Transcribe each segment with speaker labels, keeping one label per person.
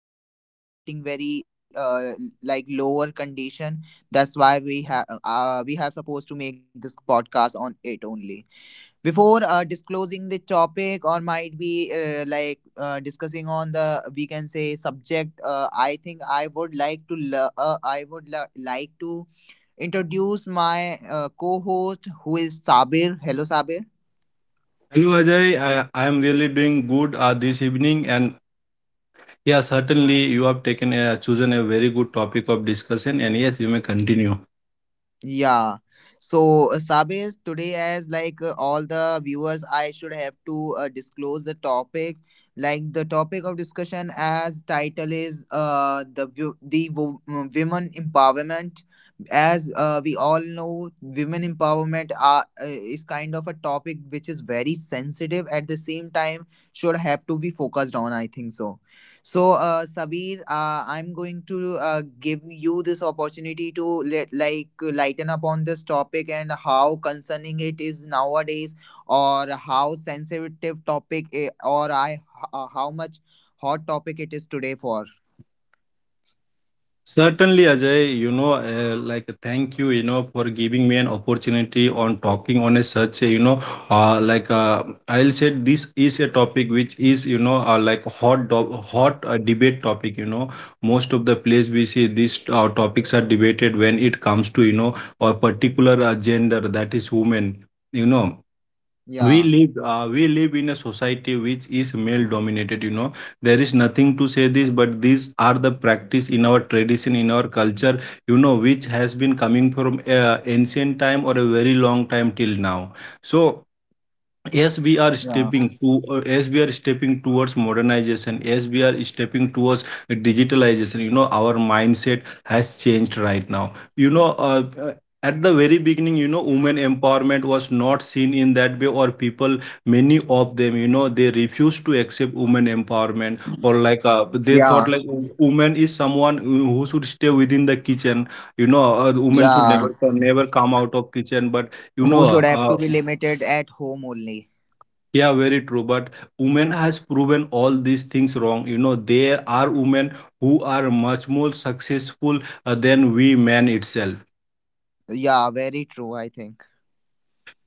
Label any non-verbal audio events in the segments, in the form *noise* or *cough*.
Speaker 1: Nowadays it's getting very like lower condition. That's why we have supposed to make this podcast on it only. Before disclosing the topic or might be discussing on the, we can say, subject, I think I would like to lo like to introduce my co-host, who is Sabir. Hello Sabir.
Speaker 2: Hello Ajay, I am really doing good this evening. And yeah, certainly you have taken a, chosen a very good topic of discussion, and yes, you may continue.
Speaker 1: Yeah. So, Sabir, today, as like all the viewers, I should have to disclose the topic. Like the topic of discussion, as title, is women empowerment. As we all know, women empowerment are is kind of a topic which is very sensitive. At the same time, should have to be focused on, I think so. So, Sabir, I'm going to give you this opportunity to, let, like, lighten up on this topic and how concerning it is nowadays, or how sensitive topic, or I, how much hot topic it is today for.
Speaker 2: Certainly, Ajay, you know, thank you, you know, for giving me an opportunity on talking on a such a, you know, I'll say this is a topic which is, you know, hot debate topic. You know, most of the place we see these topics are debated when it comes to, you know, a particular gender, that is women. You know, we
Speaker 1: Yeah,
Speaker 2: live uh, we live in a society which is male dominated, you know. There is nothing to say this, but these are the practice in our tradition, in our culture, you know, which has been coming from ancient time or a very long time till now. So as we are
Speaker 1: yeah,
Speaker 2: stepping towards modernization, as we are stepping towards digitalization, you know, our mindset has changed right now, you know. At the very beginning, you know, women empowerment was not seen in that way, or people, many of them, you know, they refused to accept women empowerment, or they thought
Speaker 1: yeah,
Speaker 2: like woman is someone who should stay within the kitchen. You know, women should
Speaker 1: yeah.
Speaker 2: never come out of kitchen. But you know
Speaker 1: Who should have to be limited at home only?
Speaker 2: yeah, very true. But women has proven all these things wrong. You know, there are women who are much more successful than we men itself.
Speaker 1: Yeah, very true, I think.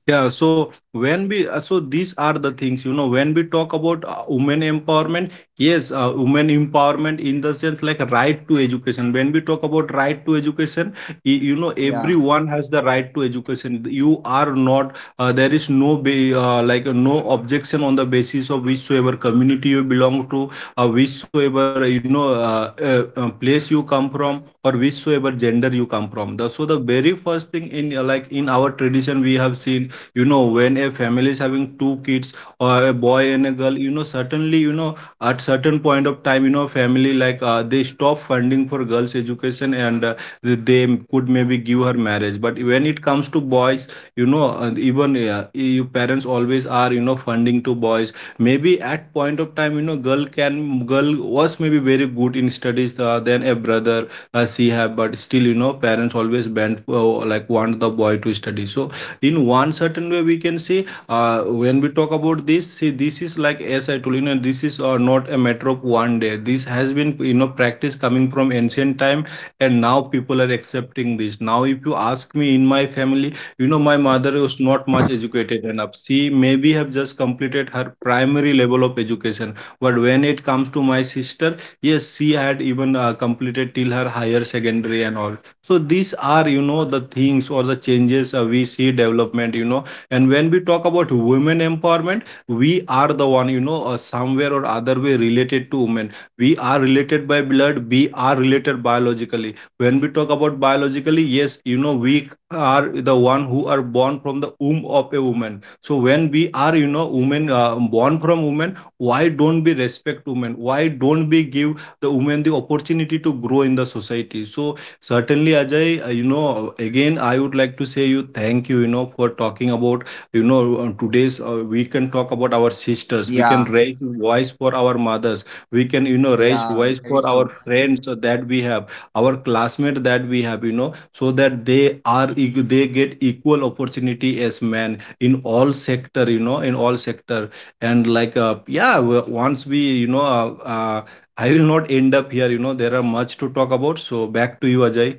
Speaker 2: Yeah, so when we so these are the things, you know, when we talk about women empowerment, yes, women empowerment in the sense like right to education. When we talk about right to education, you know,
Speaker 1: Yeah,
Speaker 2: everyone has the right to education. You are not, there is no no objection on the basis of whichsoever community you belong to, whichsoever you know place you come from, or whichsoever gender you come from. The, so the very first thing in in our tradition we have seen, you know, when a family is having two kids or a boy and a girl, you know, certainly, you know, at certain point of time, you know, family they stop funding for girls education, and they could maybe give her marriage. But when it comes to boys, you know, even your parents always are, you know, funding to boys. Maybe at point of time, you know, girl was maybe very good in studies than a brother she have, but still, you know, parents always bent like want the boy to study. So in one certain way we can see when we talk about this, see, this is like, as I told you know, this is not a matter of one day. This has been, you know, practice coming from ancient time, and now people are accepting this. Now if you ask me, in my family, you know, my mother was not much educated enough. She maybe have just completed her primary level of education, but when it comes to my sister, yes, she had even completed till her higher secondary and all. So these are, you know, the things or the changes we see development, you know. And when we talk about women empowerment, we are the one, you know, somewhere or other way related to women. We are related by blood, we are related biologically. When we talk about biologically, yes, you know, we are the one who are born from the womb of a woman. So when we are, you know, women born from women, why don't we respect women? Why don't we give the women the opportunity to grow in the society? So certainly, Ajay, you know, again, I would like to say you thank you, you know, for talking about, you know, on today's, we can talk about our sisters. We can
Speaker 1: yeah,
Speaker 2: raise voice for our mothers. We can, you know, raise
Speaker 1: yeah.
Speaker 2: voice
Speaker 1: Very
Speaker 2: for our
Speaker 1: true.
Speaker 2: friends that we have, our classmates that we have, you know, so that they are, they get equal opportunity as men in all sector, you know, in all sector. And like, yeah, once we, you know, I will not end up here. You know, there are much to talk about. So back to you, Ajay.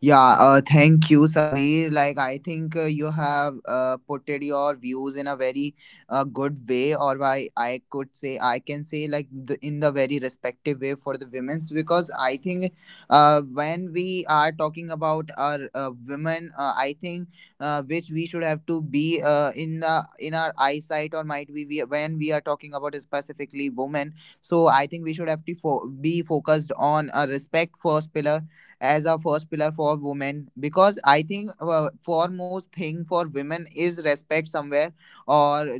Speaker 1: Yeah, thank you, Sabir. Like, I think you have putted your views in a very good way, or I could say, I can say, like, the, in the very respective way for the women's, because I think when we are talking about our women, I think which we should have to be in the, in our eyesight, or might we when we are talking about specifically women. So I think we should have to be focused on a respect first pillar, as a first pillar for women, because I think foremost thing for women is respect somewhere. Or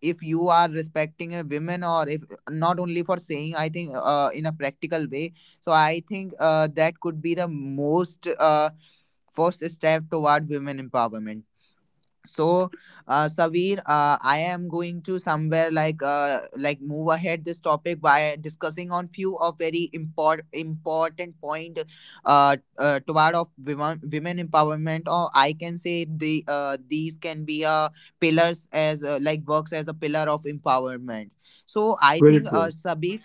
Speaker 1: if you are respecting a women, or if, not only for saying, I think in a practical way. So I think that could be the most first step toward women empowerment. So, Savir, I am going to somewhere like move ahead this topic by discussing on few of very important point toward of women empowerment, or I can say the these can be pillars as like works as a pillar of empowerment. So I
Speaker 2: Very
Speaker 1: think
Speaker 2: true.
Speaker 1: Sabir,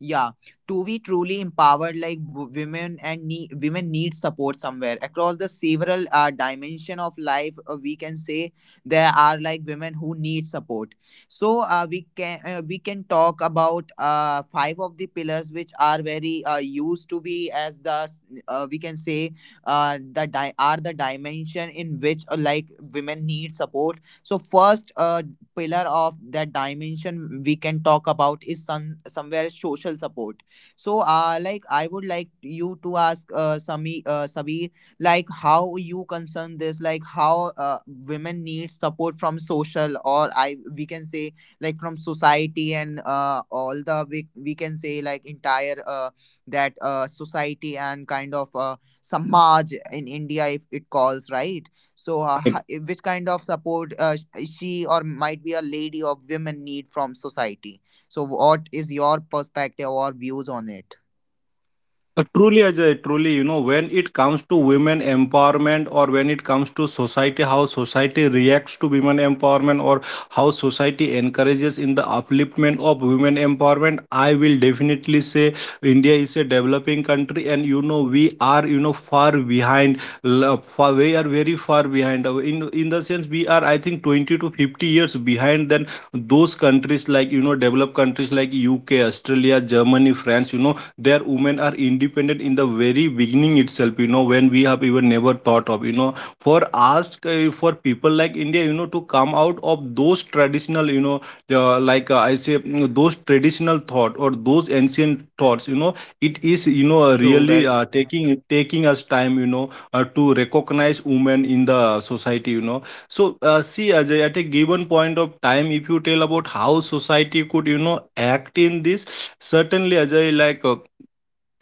Speaker 1: yeah, to be truly empowered, like women and women need support somewhere across the several dimension of life. We can say there are like women who need support. So we can talk about five of the pillars which are very used to be as the we can say are the dimension in which like women need support. So first, pillar of that dimension we can talk about is somewhere social support. So like I would like you to ask sami Sabir, like how you concern this, like how, uh, women need support from social, or I, we can say, like from society and all the we can say like entire that society and kind of samaj in India, if it calls right. So which kind of support she or might be a lady or women need from society. So what is your perspective or views on it?
Speaker 2: Truly, Ajay, truly, you know, when it comes to women empowerment, or when it comes to society, how society reacts to women empowerment, or how society encourages in the upliftment of women empowerment, I will definitely say India is a developing country and, you know, we are, you know, far behind. Far, we are very far behind. In the sense, we are, I think, 20 to 50 years behind than those countries like, you know, developed countries like UK, Australia, Germany, France. You know, their women are independent in the very beginning itself, you know, when we have even never thought of, you know. For us for people like India, you know, to come out of those traditional, you know, I say, you know, those traditional thought or those ancient thoughts, you know, it is, you know,
Speaker 1: True,
Speaker 2: really
Speaker 1: very,
Speaker 2: taking us time, you know, to recognize women in the society, you know. So see, Ajay, at a given point of time, if you tell about how society could, you know, act in this, certainly, Ajay,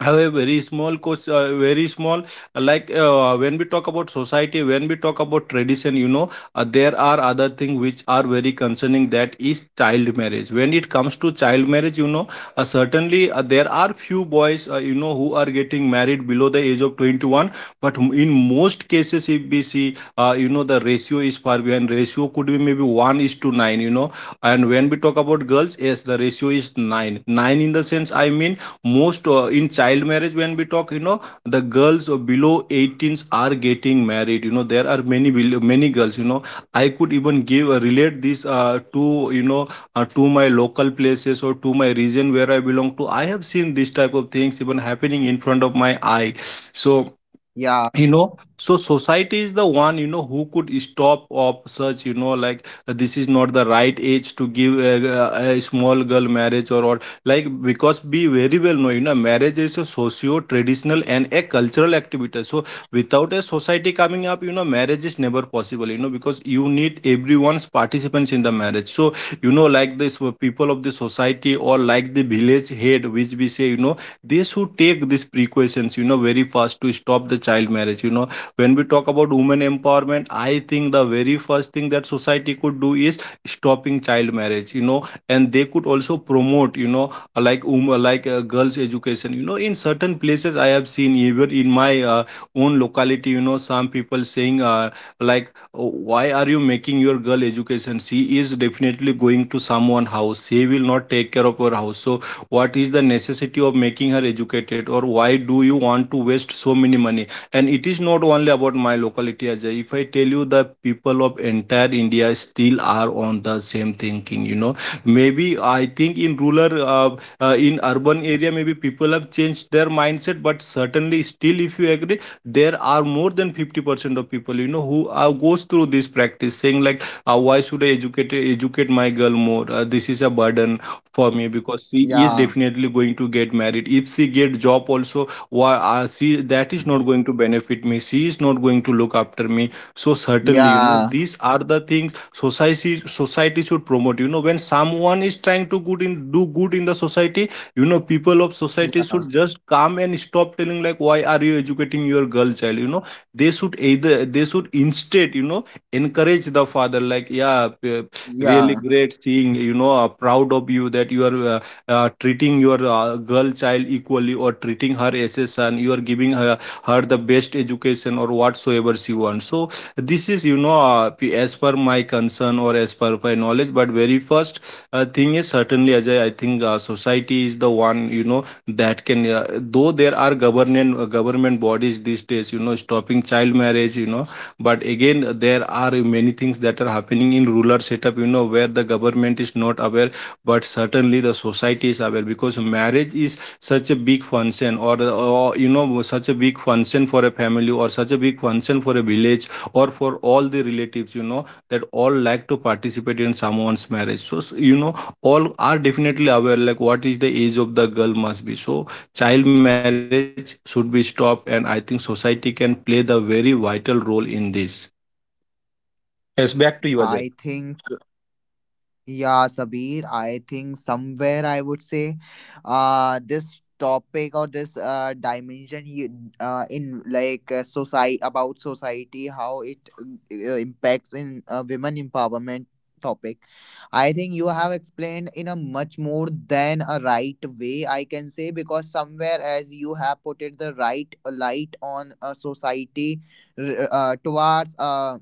Speaker 2: have a very small course, very small like when we talk about society, when we talk about tradition, you know, there are other things which are very concerning, that is child marriage. When it comes to child marriage, you know, certainly, there are few boys, you know, who are getting married below the age of 21. But in most cases, if we see, you know, the ratio is far behind. Ratio could be maybe 1 is to 9, you know. And when we talk about girls, yes, the ratio is 9 9, in the sense I mean, most in child marriage, when we talk, you know, the girls below 18s are getting married. You know, there are many girls, you know. I could even give relate this to, you know, to my local places or to my region where I belong to. I have seen this type of things even happening in front of my eye. So
Speaker 1: yeah,
Speaker 2: you know, so society is the one, you know, who could stop of such, you know, like, this is not the right age to give a small girl marriage, or like, because we very well know, you know, marriage is a socio traditional and a cultural activity. So without a society coming up, you know, marriage is never possible, you know, because you need everyone's participants in the marriage. So you know, like this, people of the society, or like the village head, which we say, you know, they should take these precautions, you know, very fast to stop the child marriage, you know. When we talk about women empowerment, I think the very first thing that society could do is stopping child marriage, you know. And they could also promote, you know, girls education. You know, in certain places I have seen, even in my own locality, you know, some people saying like, "Oh, why are you making your girl education? She is definitely going to someone house. She will not take care of her house. So what is the necessity of making her educated? Or why do you want to waste so many money?" And it is not only about my locality, Ajay. If I tell you, the people of entire India still are on the same thinking, you know. Maybe I think in rural in urban area, maybe people have changed their mindset, but certainly still, if you agree, there are more than 50% of people, you know, who goes through this practice saying like, why should I educate my girl more? This is a burden for me because she is
Speaker 1: yeah,
Speaker 2: definitely going to get married. If she get job also, why she, that is not going to benefit me, she is not going to look after me. So certainly, you know,
Speaker 1: yeah,
Speaker 2: these are the things. Society should promote, you know, when someone is trying to good in do good in the society, you know, people of society should
Speaker 1: yeah,
Speaker 2: just come and stop telling like, why are you educating your girl child, you know. They should either, they should instead, you know, encourage the father like, yeah, really
Speaker 1: yeah.
Speaker 2: great seeing, you know, proud of you that you are treating your girl child equally or treating her as a son, you are giving her the best education or whatsoever she wants. So this is, as per my concern or as per my knowledge. But very first thing is, certainly, Ajay, I think society is the one, you know, that can. Though there are government bodies these days, you know, stopping child marriage, you know, but again there are many things that are happening in rural setup, you know, where the government is not aware, but certainly the society is aware, because marriage is such a big function, or you know, such a big function for a family, or such a big function for a village, or for all the relatives, you know, that all like to participate in someone's marriage. So you know, all are definitely aware like what is the age of the girl must be. So child marriage should be stopped, and I think society can play the very vital role in this. Yes, back to you, Ajay.
Speaker 1: I think, yeah, Sabir, I think somewhere I would say this topic or this dimension you, in like society about society, how it impacts in women empowerment topic. I think you have explained in a much more than a right way, I can say, because somewhere as you have put it, the right light on a society towards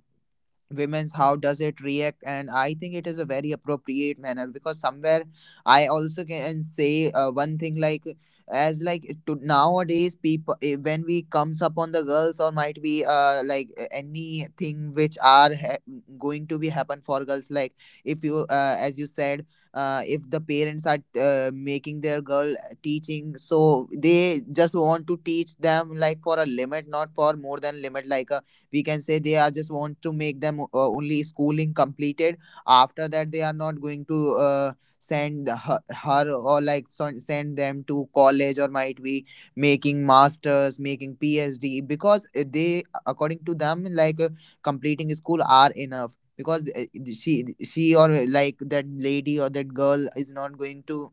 Speaker 1: women's, how does it react, and I think it is a very appropriate manner, because somewhere I also can say one thing like, to nowadays people, when we comes upon the girls, or might be anything which are going to be happen for girls, like if you as you said, if the parents are making their girl, teaching, so they just want to teach them like for a limit, not for more than limit. Like we can say they are just want to make them only schooling completed. After that they are not going to send her or like send them to college, or might be making masters, making PhD, because they, according to them, like completing school are enough, because she or like that lady or that girl is not going to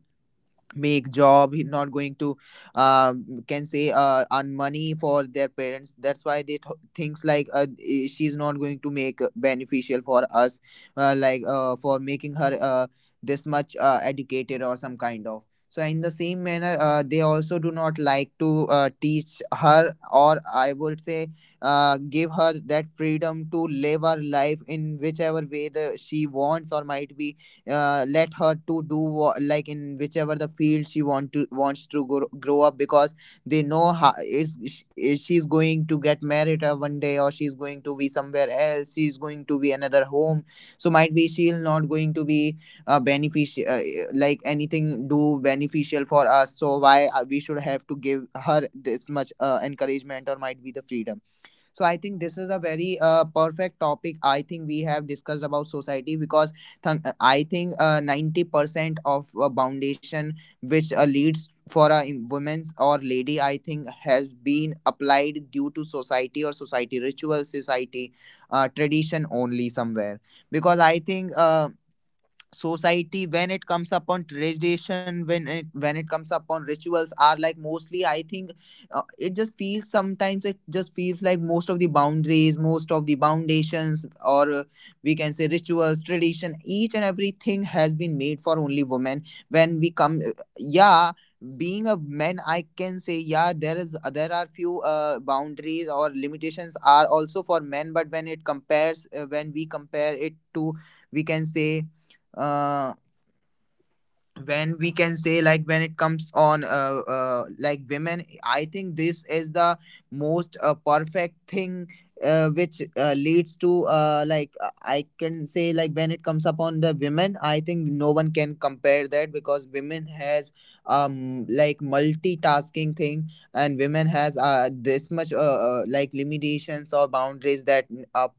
Speaker 1: make job, he not going to uh, can say earn money for their parents. That's why they thinks like she's not going to make beneficial for us, for making her this much educated or some kind of. So in the same manner, they also do not like to teach her, or I would say give her that freedom to live her life in whichever way the she wants, or might be let her to do like in whichever the field she wants to grow up, because they know how is is she's going to get married one day, or she's going to be somewhere else, she's going to be another home, so might be she'll not going to be beneficial like anything do beneficial for us. So why we should have to give her this much encouragement, or might be the freedom? So I think this is a very perfect topic. I think we have discussed about society, because I think 90% of foundation which leads for a women's or lady, I think, has been applied due to society, or society ritual, society tradition only, somewhere. Because I think society, when it comes upon tradition, when it comes upon rituals, are like mostly I think it just feels, sometimes it just feels like most of the boundaries, most of the foundations, or we can say rituals, tradition, each and everything has been made for only women. When we come yeah, being a man, I can say yeah, there are few boundaries or limitations are also for men, but when it compares when we compare it to, we can say uh, when we can say like when it comes on women, I think this is the most perfect thing which leads to I can say, like when it comes upon the women, I think no one can compare that, because women has um, like, multitasking thing, and women has this much like limitations or boundaries that a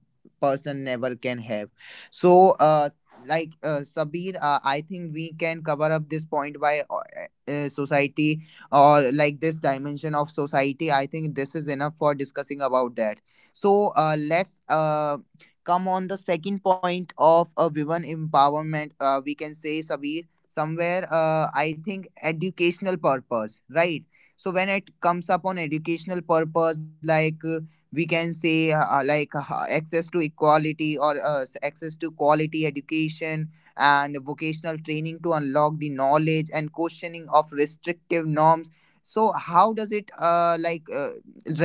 Speaker 1: person never can have. So Sabir, I think we can cover up this point by society, or like this dimension of society. I think this is enough for discussing about that. So let's come on the second point of a women empowerment. We can say, Sabir, somewhere, I think educational purpose, right? So when it comes up on educational purpose, like we can say access to equality, or access to quality education and vocational training, to unlock the knowledge and questioning of restrictive norms. So how does it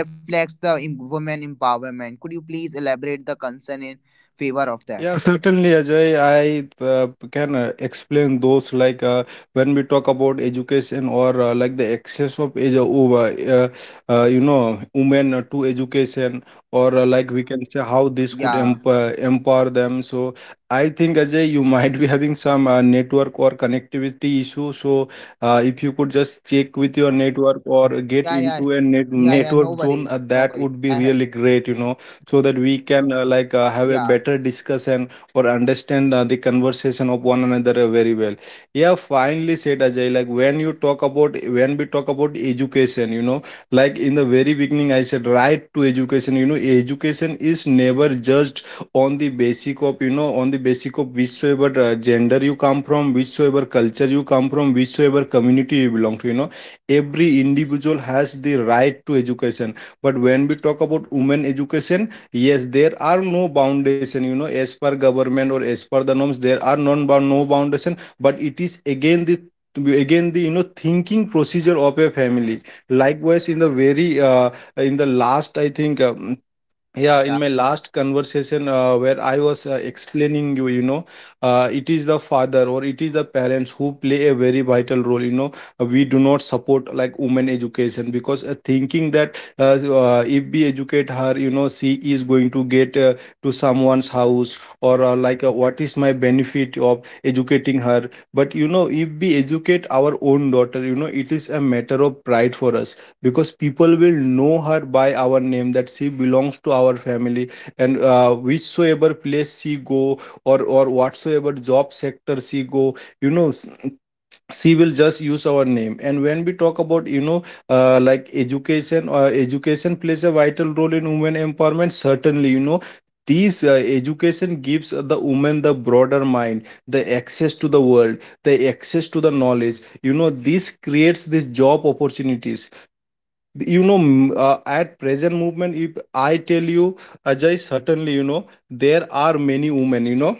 Speaker 1: reflects the women empowerment? Could you please elaborate the concern in favor of that?
Speaker 2: Yeah, *laughs* certainly, Ajay. I can explain those like, when we talk about education or like the access of age over, you know, women to education, or like we can say how this could
Speaker 1: Yeah,
Speaker 2: empower them. So I think, Ajay, you *laughs* might be having some network or connectivity issue. So if you could just check with your network or get
Speaker 1: yeah, yeah,
Speaker 2: into a
Speaker 1: yeah, yeah, no
Speaker 2: network zone,
Speaker 1: worries, no worries,
Speaker 2: that would be really great, you know, so that we can have a
Speaker 1: yeah,
Speaker 2: better discussion or understand the conversation of one another very well. Yeah, finally said, Ajay, like, when we talk about education, you know, like in the very beginning I said, right to education, you know. Education is never judged on the basic of, you know, on the basic of whichsoever gender you come from, whichsoever culture you come from, whichsoever community you belong to, you know, every individual has the right to education. But when we talk about women education, yes, there are no foundation, you know, as per government or as per the norms, there are non no foundation, but it is again the to be again the, you know, thinking procedure of a family. Likewise, in the very in the
Speaker 1: yeah.
Speaker 2: last, I think yeah, in my last conversation, where I was explaining you, you know, it is the father or it is the parents who play a very vital role, you know. We do not support like women education because, thinking that, if we educate her, you know, she is going to get to someone's house, or what is my benefit of educating her? But you know, if we educate our own daughter, you know, it is a matter of pride for us, because people will know her by our name, that she belongs to our family. And whichsoever place she go, or whatsoever job sector she go, you know, she will just use our name. And when we talk about, you know, education plays a vital role in women empowerment, certainly, you know. These education gives the woman the broader mind, the access to the world, the access to the knowledge, you know. This creates these job opportunities, you know. At present movement, if I tell you, Ajay, certainly, you know, there are many women, you know,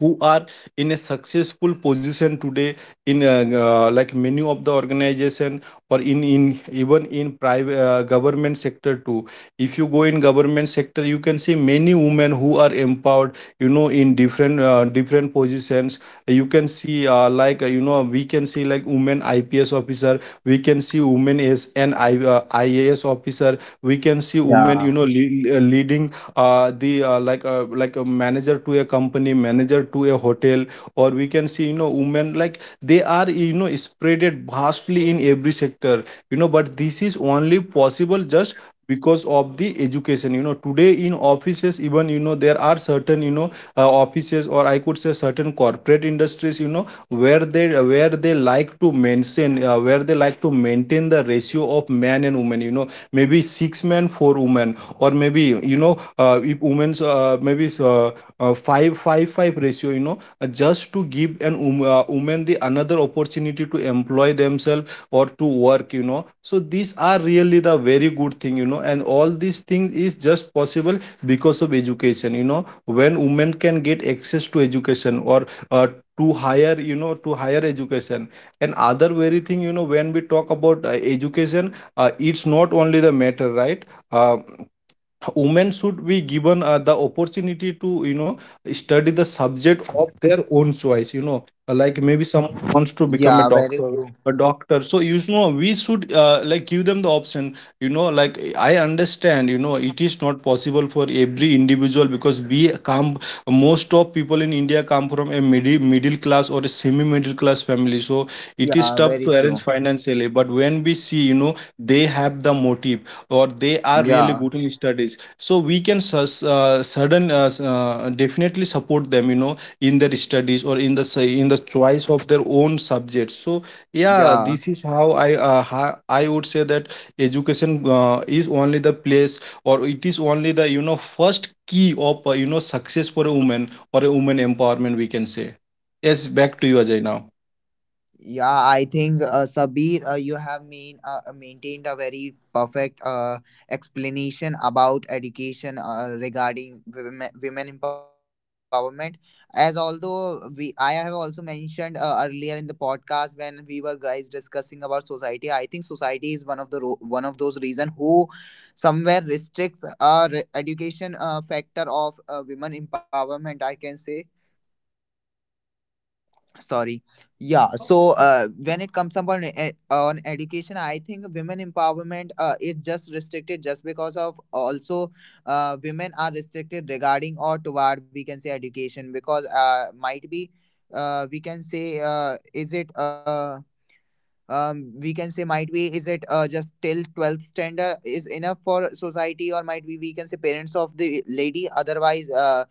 Speaker 2: who are in a successful position today, in like many of the organization, or in even in private, government sector too. If you go in government sector, you can see many women who are empowered, you know, in different different positions. You can see, we can see like, women ips officer, we can see women as an ias officer, we can see women, you
Speaker 1: Yeah,
Speaker 2: know, leading the like a, like a manager to a company, manager to a hotel, or we can see, you know, women like they are, you know, spreaded vastly in every sector, you know. But this is only possible just because of the education, you know. Today in offices even, you know, there are certain, you know, offices, or I could say certain corporate industries, you know, where they like, to mention, where they like to maintain the ratio of man and woman, you know, maybe six men four women, or maybe, you know, if women's, maybe five five five ratio, you know, just to give an woman the another opportunity to employ themselves or to work, you know. So these are really the very good thing, you know, and all these things is just possible because of education, you know. When women can get access to education, or uh, to higher, you know, to higher education. And other very thing, you know, when we talk about education, it's not only the matter, right? uh, Women should be given the opportunity to, you know, study the subject of their own choice, you know. Like maybe someone wants to become
Speaker 1: yeah, very true.
Speaker 2: a doctor. So you know, we should, give them the option, you know, like, I understand, you know, it is not possible for every individual, because we come, most of people in India come from a middle class or a semi middle class family. So it is
Speaker 1: Yeah,
Speaker 2: tough
Speaker 1: very
Speaker 2: to
Speaker 1: true.
Speaker 2: arrange financially, but when we see, you know, they have the motive or they are really
Speaker 1: Yeah,
Speaker 2: good in studies. So we can definitely support them, you know, in their studies or in the in the choice of their own subjects. So yeah,
Speaker 1: yeah.
Speaker 2: this is how I I would say that education is only the place, or it is only the, you know, first key of, you know, success for a woman, or a woman empowerment, we can say. Yes, back to you, Ajay, now.
Speaker 1: Yeah, I think Sabir, you have maintained a very perfect explanation about education regarding women empowerment. As although we, I have also mentioned earlier in the podcast when we were guys discussing about society. I think society is one of the one of those reason who somewhere restricts education factor of women empowerment, I can say. Sorry. Yeah, so when it comes upon on education, I think women empowerment is just restricted, just because of also, women are restricted regarding or toward, we can say, education, because might be we can say, is it we can say, might be, is it just till 12th standard is enough for society, or might be we can say parents of the lady? Otherwise,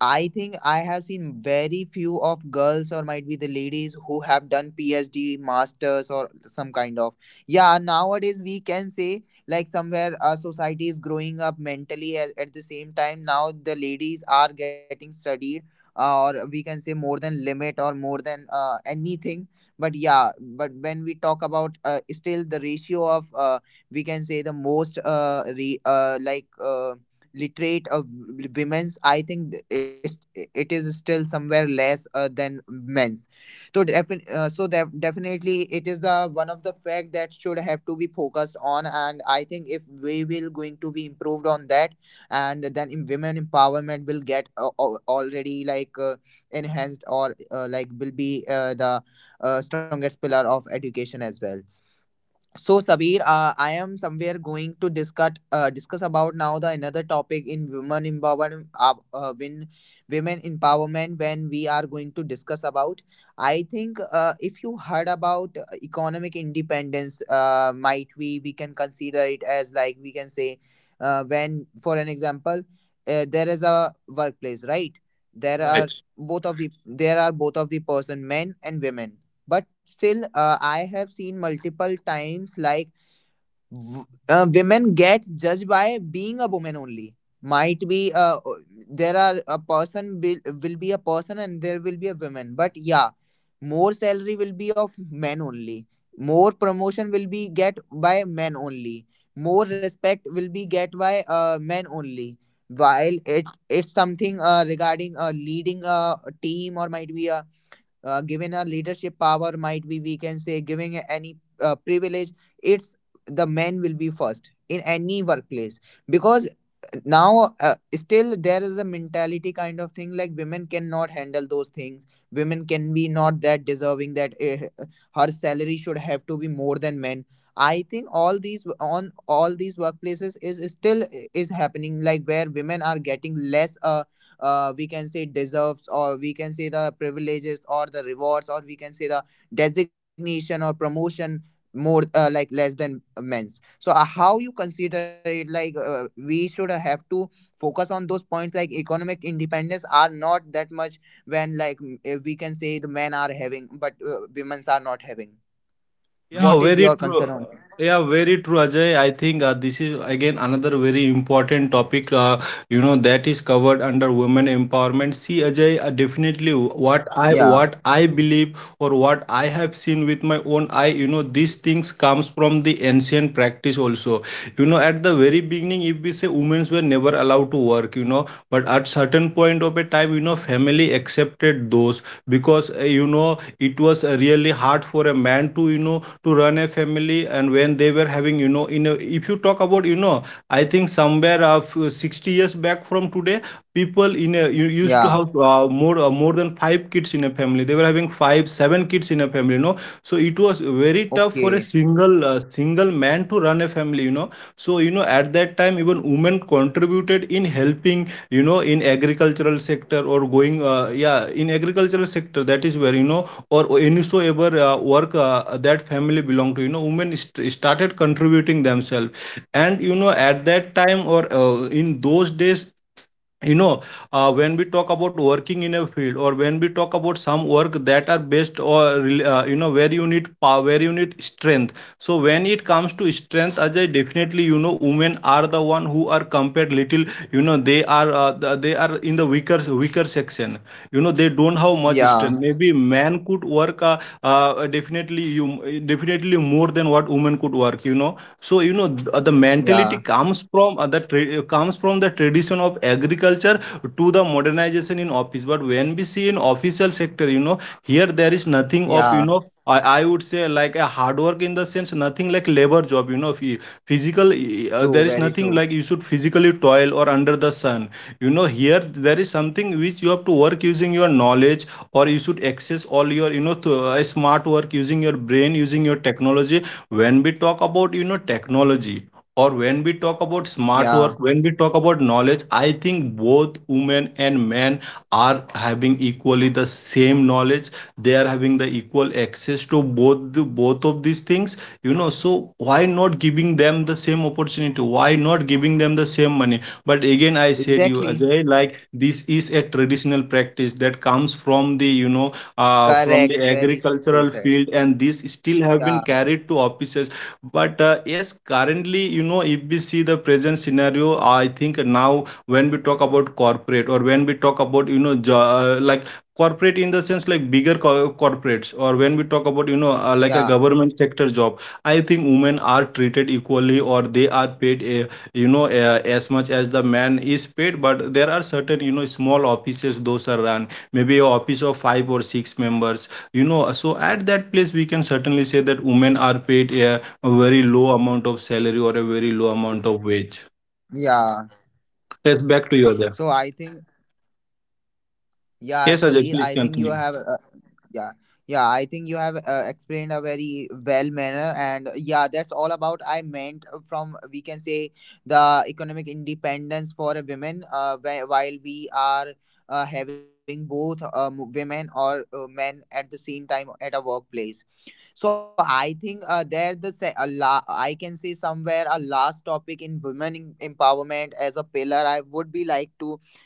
Speaker 1: I think I have seen very few of girls, or might be the ladies, who have done PhD, masters, or some kind of. Yeah, nowadays we can say like somewhere our society is growing up mentally at the same time. Now the ladies are getting studied, or we can say more than limit or more than anything. But yeah, but when we talk about still the ratio of we can say the most like. Literate of women's, I think it is still somewhere less than men's. So definitely it is the one of the fact that should have to be focused on, and I think if we will going to be improved on that, and then in women empowerment will get already like enhanced or like will be the strongest pillar of education as well. So, Sabir, I am somewhere going to discuss about now the another topic in women empowerment, when women empowerment. When we are going to discuss about, I think if you heard about economic independence, might we can consider it as like we can say, when for an example, there is a workplace, right? There are
Speaker 2: Right.
Speaker 1: there are both of the person, men and women, but still I have seen multiple times like women get judged by being a woman only. Might be there are a person will be a person and there will be a woman, but yeah, more salary will be of men only, more promotion will be get by men only, more respect will be get by men only. While it it's something regarding leading a team or might be a given a leadership power, might be we can say giving any privilege, it's the men will be first in any workplace. Because now still there is a mentality kind of thing like women cannot handle those things, women can be not that deserving, that her salary should have to be more than men. I think all these on all these workplaces is still is happening, like where women are getting less we can say deserves, or we can say the privileges or the rewards, or we can say the designation or promotion, more like less than men's. So how you consider it, like we should have to focus on those points, like economic independence are not that much, when like we can say the men are having but women's are not having.
Speaker 2: Yeah,
Speaker 1: What is
Speaker 2: very
Speaker 1: your
Speaker 2: true.
Speaker 1: concern on it?
Speaker 2: Yeah, very true, Ajay. I think this is again another very important topic, you know, that is covered under women empowerment. See, Ajay, definitely what I
Speaker 1: Yeah,
Speaker 2: what I believe, or what I have seen with my own eye, you know, these things comes from the ancient practice also, you know. At the very beginning, if we say, women were never allowed to work, you know, but at certain point of a time, you know, family accepted those, because, you know, it was really hard for a man to, you know, to run a family. And when they were having, you know, in a, if you talk about, you know, I think somewhere of 60 years back from today, people in a, you used to
Speaker 1: yeah,
Speaker 2: have more than five kids in a family. They were having five seven kids in a family, you know. So it was very tough for a
Speaker 1: okay,
Speaker 2: single man to run a family, you know. So you know, at that time, even women contributed in helping, you know, in agricultural sector, or going yeah, in agricultural sector. That is where, you know, or any so ever work that family belonged to, you know, women started contributing themselves. And you know, at that time, or in those days, you know, when we talk about working in a field, or when we talk about some work that are based or you know, where you need power, where you need strength. So when it comes to strength, Ajay, definitely, you know, women are the one who are compared little, you know. They are, they are in the weaker section, you know. They don't have much
Speaker 1: yeah,
Speaker 2: strength, maybe man could work definitely, you definitely, more than what women could work, you know. So you know, the mentality
Speaker 1: yeah,
Speaker 2: comes from, the comes from the tradition of agriculture to the modernization in office. But when we see in official sector, you know, here there is nothing of, you
Speaker 1: yeah,
Speaker 2: know, I would say, like a hard work in the sense, nothing like labor job, you know, physical,
Speaker 1: true,
Speaker 2: there is
Speaker 1: very
Speaker 2: nothing
Speaker 1: true,
Speaker 2: like you should physically toil or under the sun. You know, here there is something which you have to work using your knowledge, or you should access all your, you know, smart work using your brain, using your technology. When we talk About technology, or when we talk about smart
Speaker 1: yeah,
Speaker 2: work, when we talk about knowledge, I think both women and men are having equally the same knowledge. They are having the equal access to both of these things. So why not giving them the same opportunity? Why not giving them the same money? But again, I said you
Speaker 1: exactly.
Speaker 2: Ajay, like this is a traditional practice that comes from the from the
Speaker 1: Correct, very true,
Speaker 2: agricultural
Speaker 1: said.
Speaker 2: field, and this still have been
Speaker 1: Yeah,
Speaker 2: carried to offices. But yes, currently, you know, if we see the present scenario, I think now when we talk about corporate, or when we talk about, you know, like corporate in the sense like bigger corporates, or when we talk about, like a
Speaker 1: yeah,
Speaker 2: government sector job, I think women are treated equally, or they are paid, as much as the man is paid. But there are certain, you know, small offices those are run, maybe a office of five or six members, you know. So at that place, we can certainly say that women are paid a very low amount of salary or a very low amount of wage.
Speaker 1: yeah.
Speaker 2: Yes, back to you,
Speaker 1: So
Speaker 2: Ajay.
Speaker 1: I think, yeah,
Speaker 2: Yes,
Speaker 1: Sabir,
Speaker 2: Ajay,
Speaker 1: I
Speaker 2: please
Speaker 1: think you have,
Speaker 2: continue.
Speaker 1: yeah, yeah, I think you have explained a very well manner, and yeah, that's all about I meant from we can say the economic independence for a women. While we are having both women or men at the same time at a workplace. So I think there the se- a la- I can say somewhere a last topic in women empowerment as a pillar. I would be like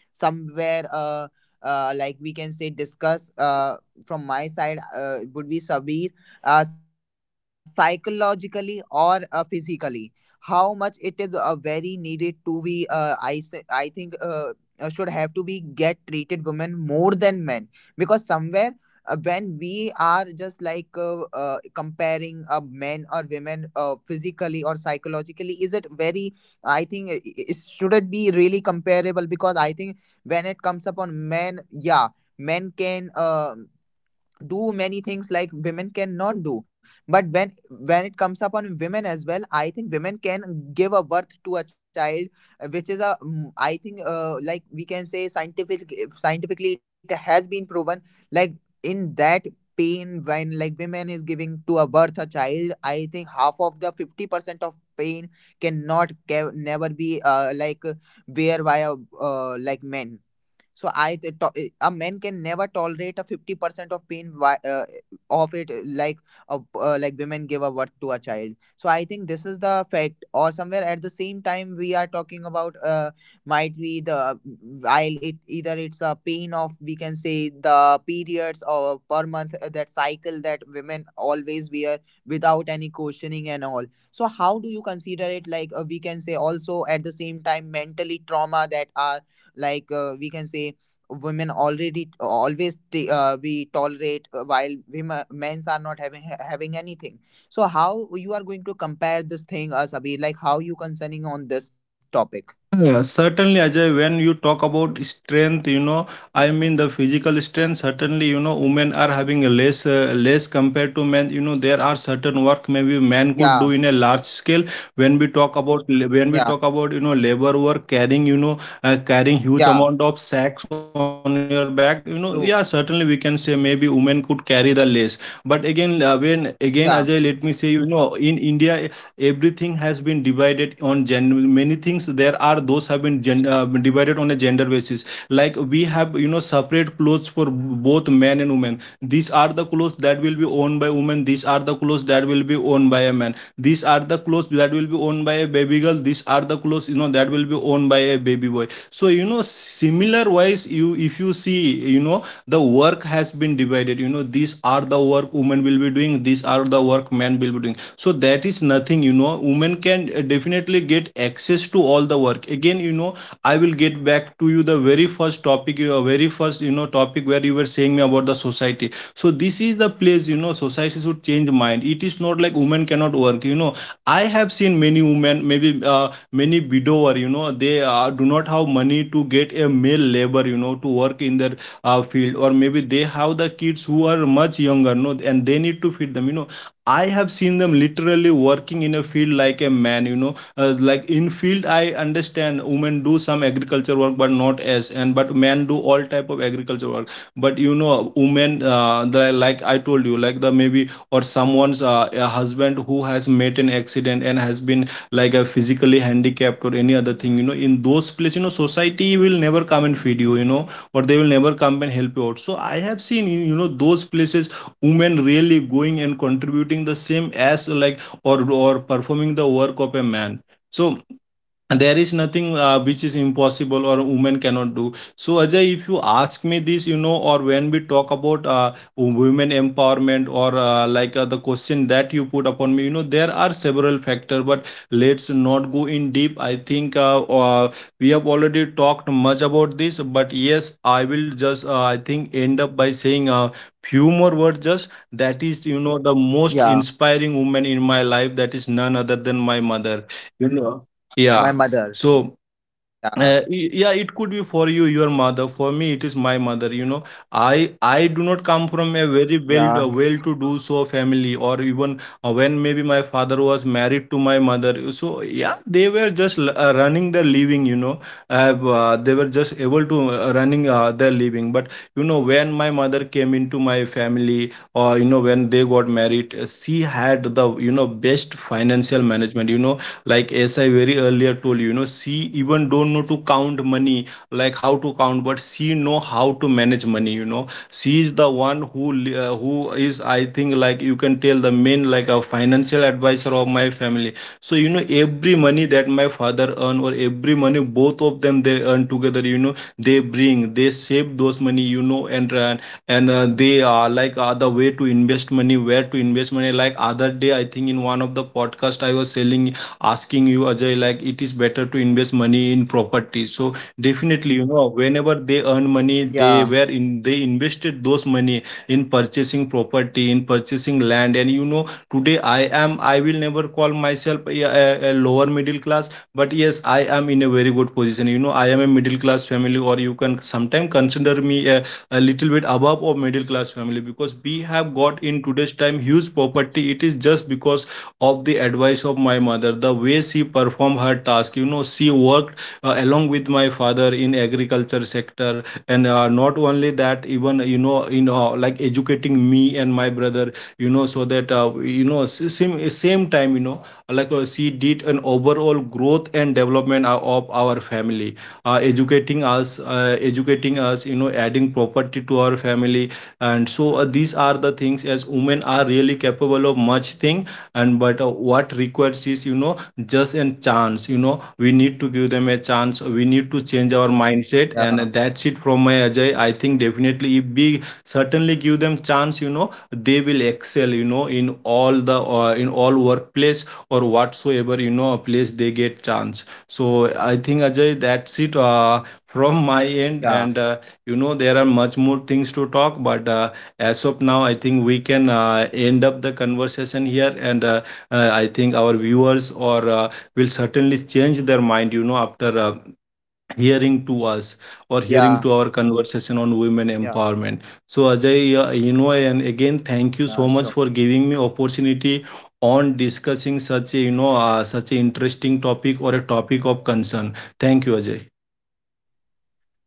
Speaker 1: somewhere. Like we can say discuss from my side, would be Sabir, psychologically or physically how much it is very needed to be, I think should have to be get treated women more than men. Because somewhere when we are just like comparing men or women physically or psychologically, is it very, I think should it shouldn't be really comparable, because I think when it comes upon men, yeah, men can do many things like women cannot do. But when it comes upon women as well, I think women can give a birth to a child, which is a I think like we can say scientific, scientifically it has been proven, like, in that pain when like women is giving to a birth a child, I think half of the 50% of pain cannot ca- never be like where by like men. So I th- to- eh, a man can never tolerate a 50% of pain of it like a, like women give a birth to a child. So I think this is the fact. Or somewhere at the same time we are talking about might be the, while it either it's a pain of we can say the periods, or per month that cycle that women always wear without any questioning and all. So how do you consider it, like we can say, also at the same time, mentally trauma that are like we can say women already always we tolerate, while women men's are not having anything. So how you are going to compare this thing, Sabir, like how you concerning on this topic?
Speaker 2: Yeah, certainly, Ajay, when you talk about strength, you know, I mean the physical strength, certainly, you know, women are having a less, less compared to men. You know, there are certain work maybe men could
Speaker 1: Yeah,
Speaker 2: do in a large scale. When we talk about,
Speaker 1: yeah,
Speaker 2: you know, labor work, carrying, you know, carrying huge
Speaker 1: yeah,
Speaker 2: amount of sacks on your back, you know. Yeah, certainly we can
Speaker 1: true,
Speaker 2: say maybe women could carry the less. But again, when again Ajay, let me say,
Speaker 1: yeah,
Speaker 2: you know, in India everything has been divided on gender. Many things there are those have been divided on a gender basis. Like we have, you know, separate clothes for both men and women. These are the clothes that will be owned by women, these are the clothes that will be owned by a man, these are the clothes that will be owned by a baby girl, these are the clothes, you know, that will be owned by a baby boy. So you know, similar wise, you if you see, you know, the work has been divided, you know, these are the work women will be doing, these are the work men will be doing. So that is nothing, you know, women can definitely get access to all the work. Again, you know, I will get back to you the very first topic, your very first, you know, topic where you were saying me about the society. So this is the place, you know, society should change mind. It is not like women cannot work. You know, I have seen many women, maybe many widower, you know, they do not have money to get a male labor, you know, to work in their field, or maybe they have the kids who are much younger, no, and they need to feed them. You know, I have seen them literally working in a field like a man, you know, like in field. I understand women do some agriculture work but not as and but men do all type of agriculture work. But you know, women, the like I told you, like the maybe or someone's a husband who has met an accident and has been like a physically handicapped or any other thing, you know, in those places, you know, society will never come and feed you, you know, or they will never come and help you out. So I have seen in, you know, those places women really going and contributing the same as like, or performing the work of a man. So there is nothing which is impossible or a woman cannot do. So Ajay, if you ask me this, you know, or when we talk about women empowerment, or the question that you put upon me, you know, there are several factors. But let's not go in deep. I think, we have already talked much about this. But yes, I will just I think end up by saying few more words, just that is, you know, the most
Speaker 1: yeah,
Speaker 2: inspiring woman in my life, that is none other than my mother. You know.
Speaker 1: my mother,
Speaker 2: Yeah.
Speaker 1: yeah,
Speaker 2: So, yeah, it could be for you, your mother. For me, it is my mother. You know, I do not
Speaker 1: yeah,
Speaker 2: come from a very well well-to-do so family, or even when maybe my father was married to my mother. So yeah, they were just running their living. You know, they were just able to running their living. But you know, when my mother came into my family, or you know, when they got married, she had the, you know, best financial management. You know, like as I very earlier told you, you know, she even don't know to count money, like how to count, but she know how to manage money, you know. She is the one who who is, I think, like you can tell the main, like a financial advisor of my family. So you know, every money that my father earn, or every money both of them they earn together, you know, they bring, they save those money, you know, and they are like other way to invest money, where to invest money. Like other day, I think in one of the podcast, I was selling asking you Ajay, like it is better to invest money in property. So definitely, you know,
Speaker 1: yeah,
Speaker 2: whenever they earn money, they were in they invested those money in purchasing property, in purchasing land, and you know, today I am, I will never call myself a lower middle class. But yes, I am in a very good position, you know, I am a middle class family, or you can sometime consider me a little bit above or middle class family, because we have got in today's time huge property. It is just because of the advice of my mother, the way she performed her task. You know, she worked along with my father in agriculture sector. And not only that, even you know, in like educating me and my brother, you know, so that you know, same time, you know, like she did an overall growth and development of our family, educating us, you know, adding property to our family. And so these are the things, as women are really capable of much thing. And but what requires is, you know, just a chance. You know, we need to give them a chance, we
Speaker 1: yeah,
Speaker 2: need to change our mindset, and that's it from my Ajay. I think definitely if we certainly give them chance, you know, they will excel, you know, in all the in all workplace, or whatsoever, you know, place they get chance. So I think Ajay, that's
Speaker 1: yeah,
Speaker 2: it from my end. And you know, there are much more things to talk, but as of now, I think we can end up the conversation here. And I think our viewers or will certainly change their mind. You know, after
Speaker 1: yeah,
Speaker 2: hearing to us, or hearing to our
Speaker 1: yeah,
Speaker 2: conversation on women empowerment. So Ajay,
Speaker 1: yeah,
Speaker 2: you know,
Speaker 1: sure,
Speaker 2: and again thank you so much for giving me opportunity on discussing such a, you know, such an interesting topic, or a topic of concern. Thank you Ajay.
Speaker 1: yeah.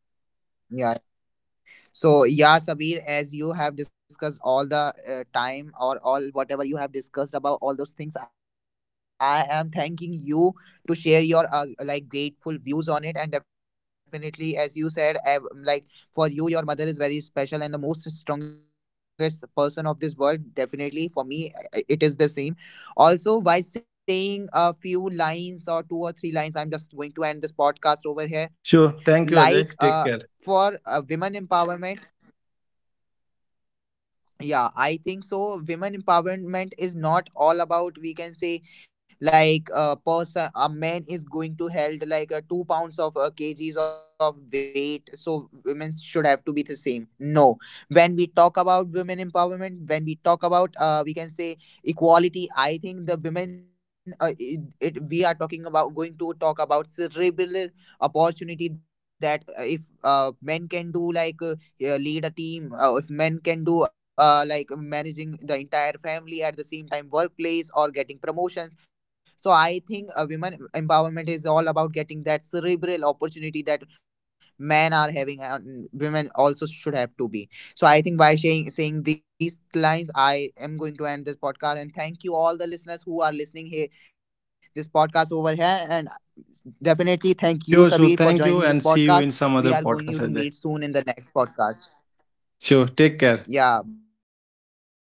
Speaker 1: So yeah, Sabir, as you have discussed all the time, or all whatever you have discussed about all those things, I am thanking you to share your like grateful views on it. And definitely, as you said, like for you, your mother is very special and the most strongest person of this world. Definitely, for me, it is the same. Also, by saying a few lines, or two or three lines, I'm just going to end this podcast over here, like
Speaker 2: Sure,
Speaker 1: for
Speaker 2: thank you
Speaker 1: women
Speaker 2: Ajay, take care.
Speaker 1: empowerment. Yeah, I think so. Women empowerment is not all about, we can say, like a person a man is going to held like 2 pounds of kgs of weight, so women should have to be the same, no. When we talk about women empowerment, when we talk about we can say equality, I think the women it, we are talking about going to talk about cerebral opportunity, that if men can do like lead a team, if men can do like managing the entire family at the same time workplace or getting promotions. So I think women empowerment is all about getting that cerebral opportunity that men are having and women also should have to be. So I think by saying these lines I am going to end this podcast, and thank you all the listeners who are listening here this podcast over here, and definitely thank you Sabir for joining this podcast. We are
Speaker 2: Sure,
Speaker 1: going you
Speaker 2: sure,
Speaker 1: to meet
Speaker 2: thank you,
Speaker 1: soon
Speaker 2: and
Speaker 1: in the
Speaker 2: see you
Speaker 1: next
Speaker 2: in some other
Speaker 1: podcast.
Speaker 2: podcast Ajay.
Speaker 1: Yeah, bye bye. Take
Speaker 2: Sure,
Speaker 1: care.
Speaker 2: take care.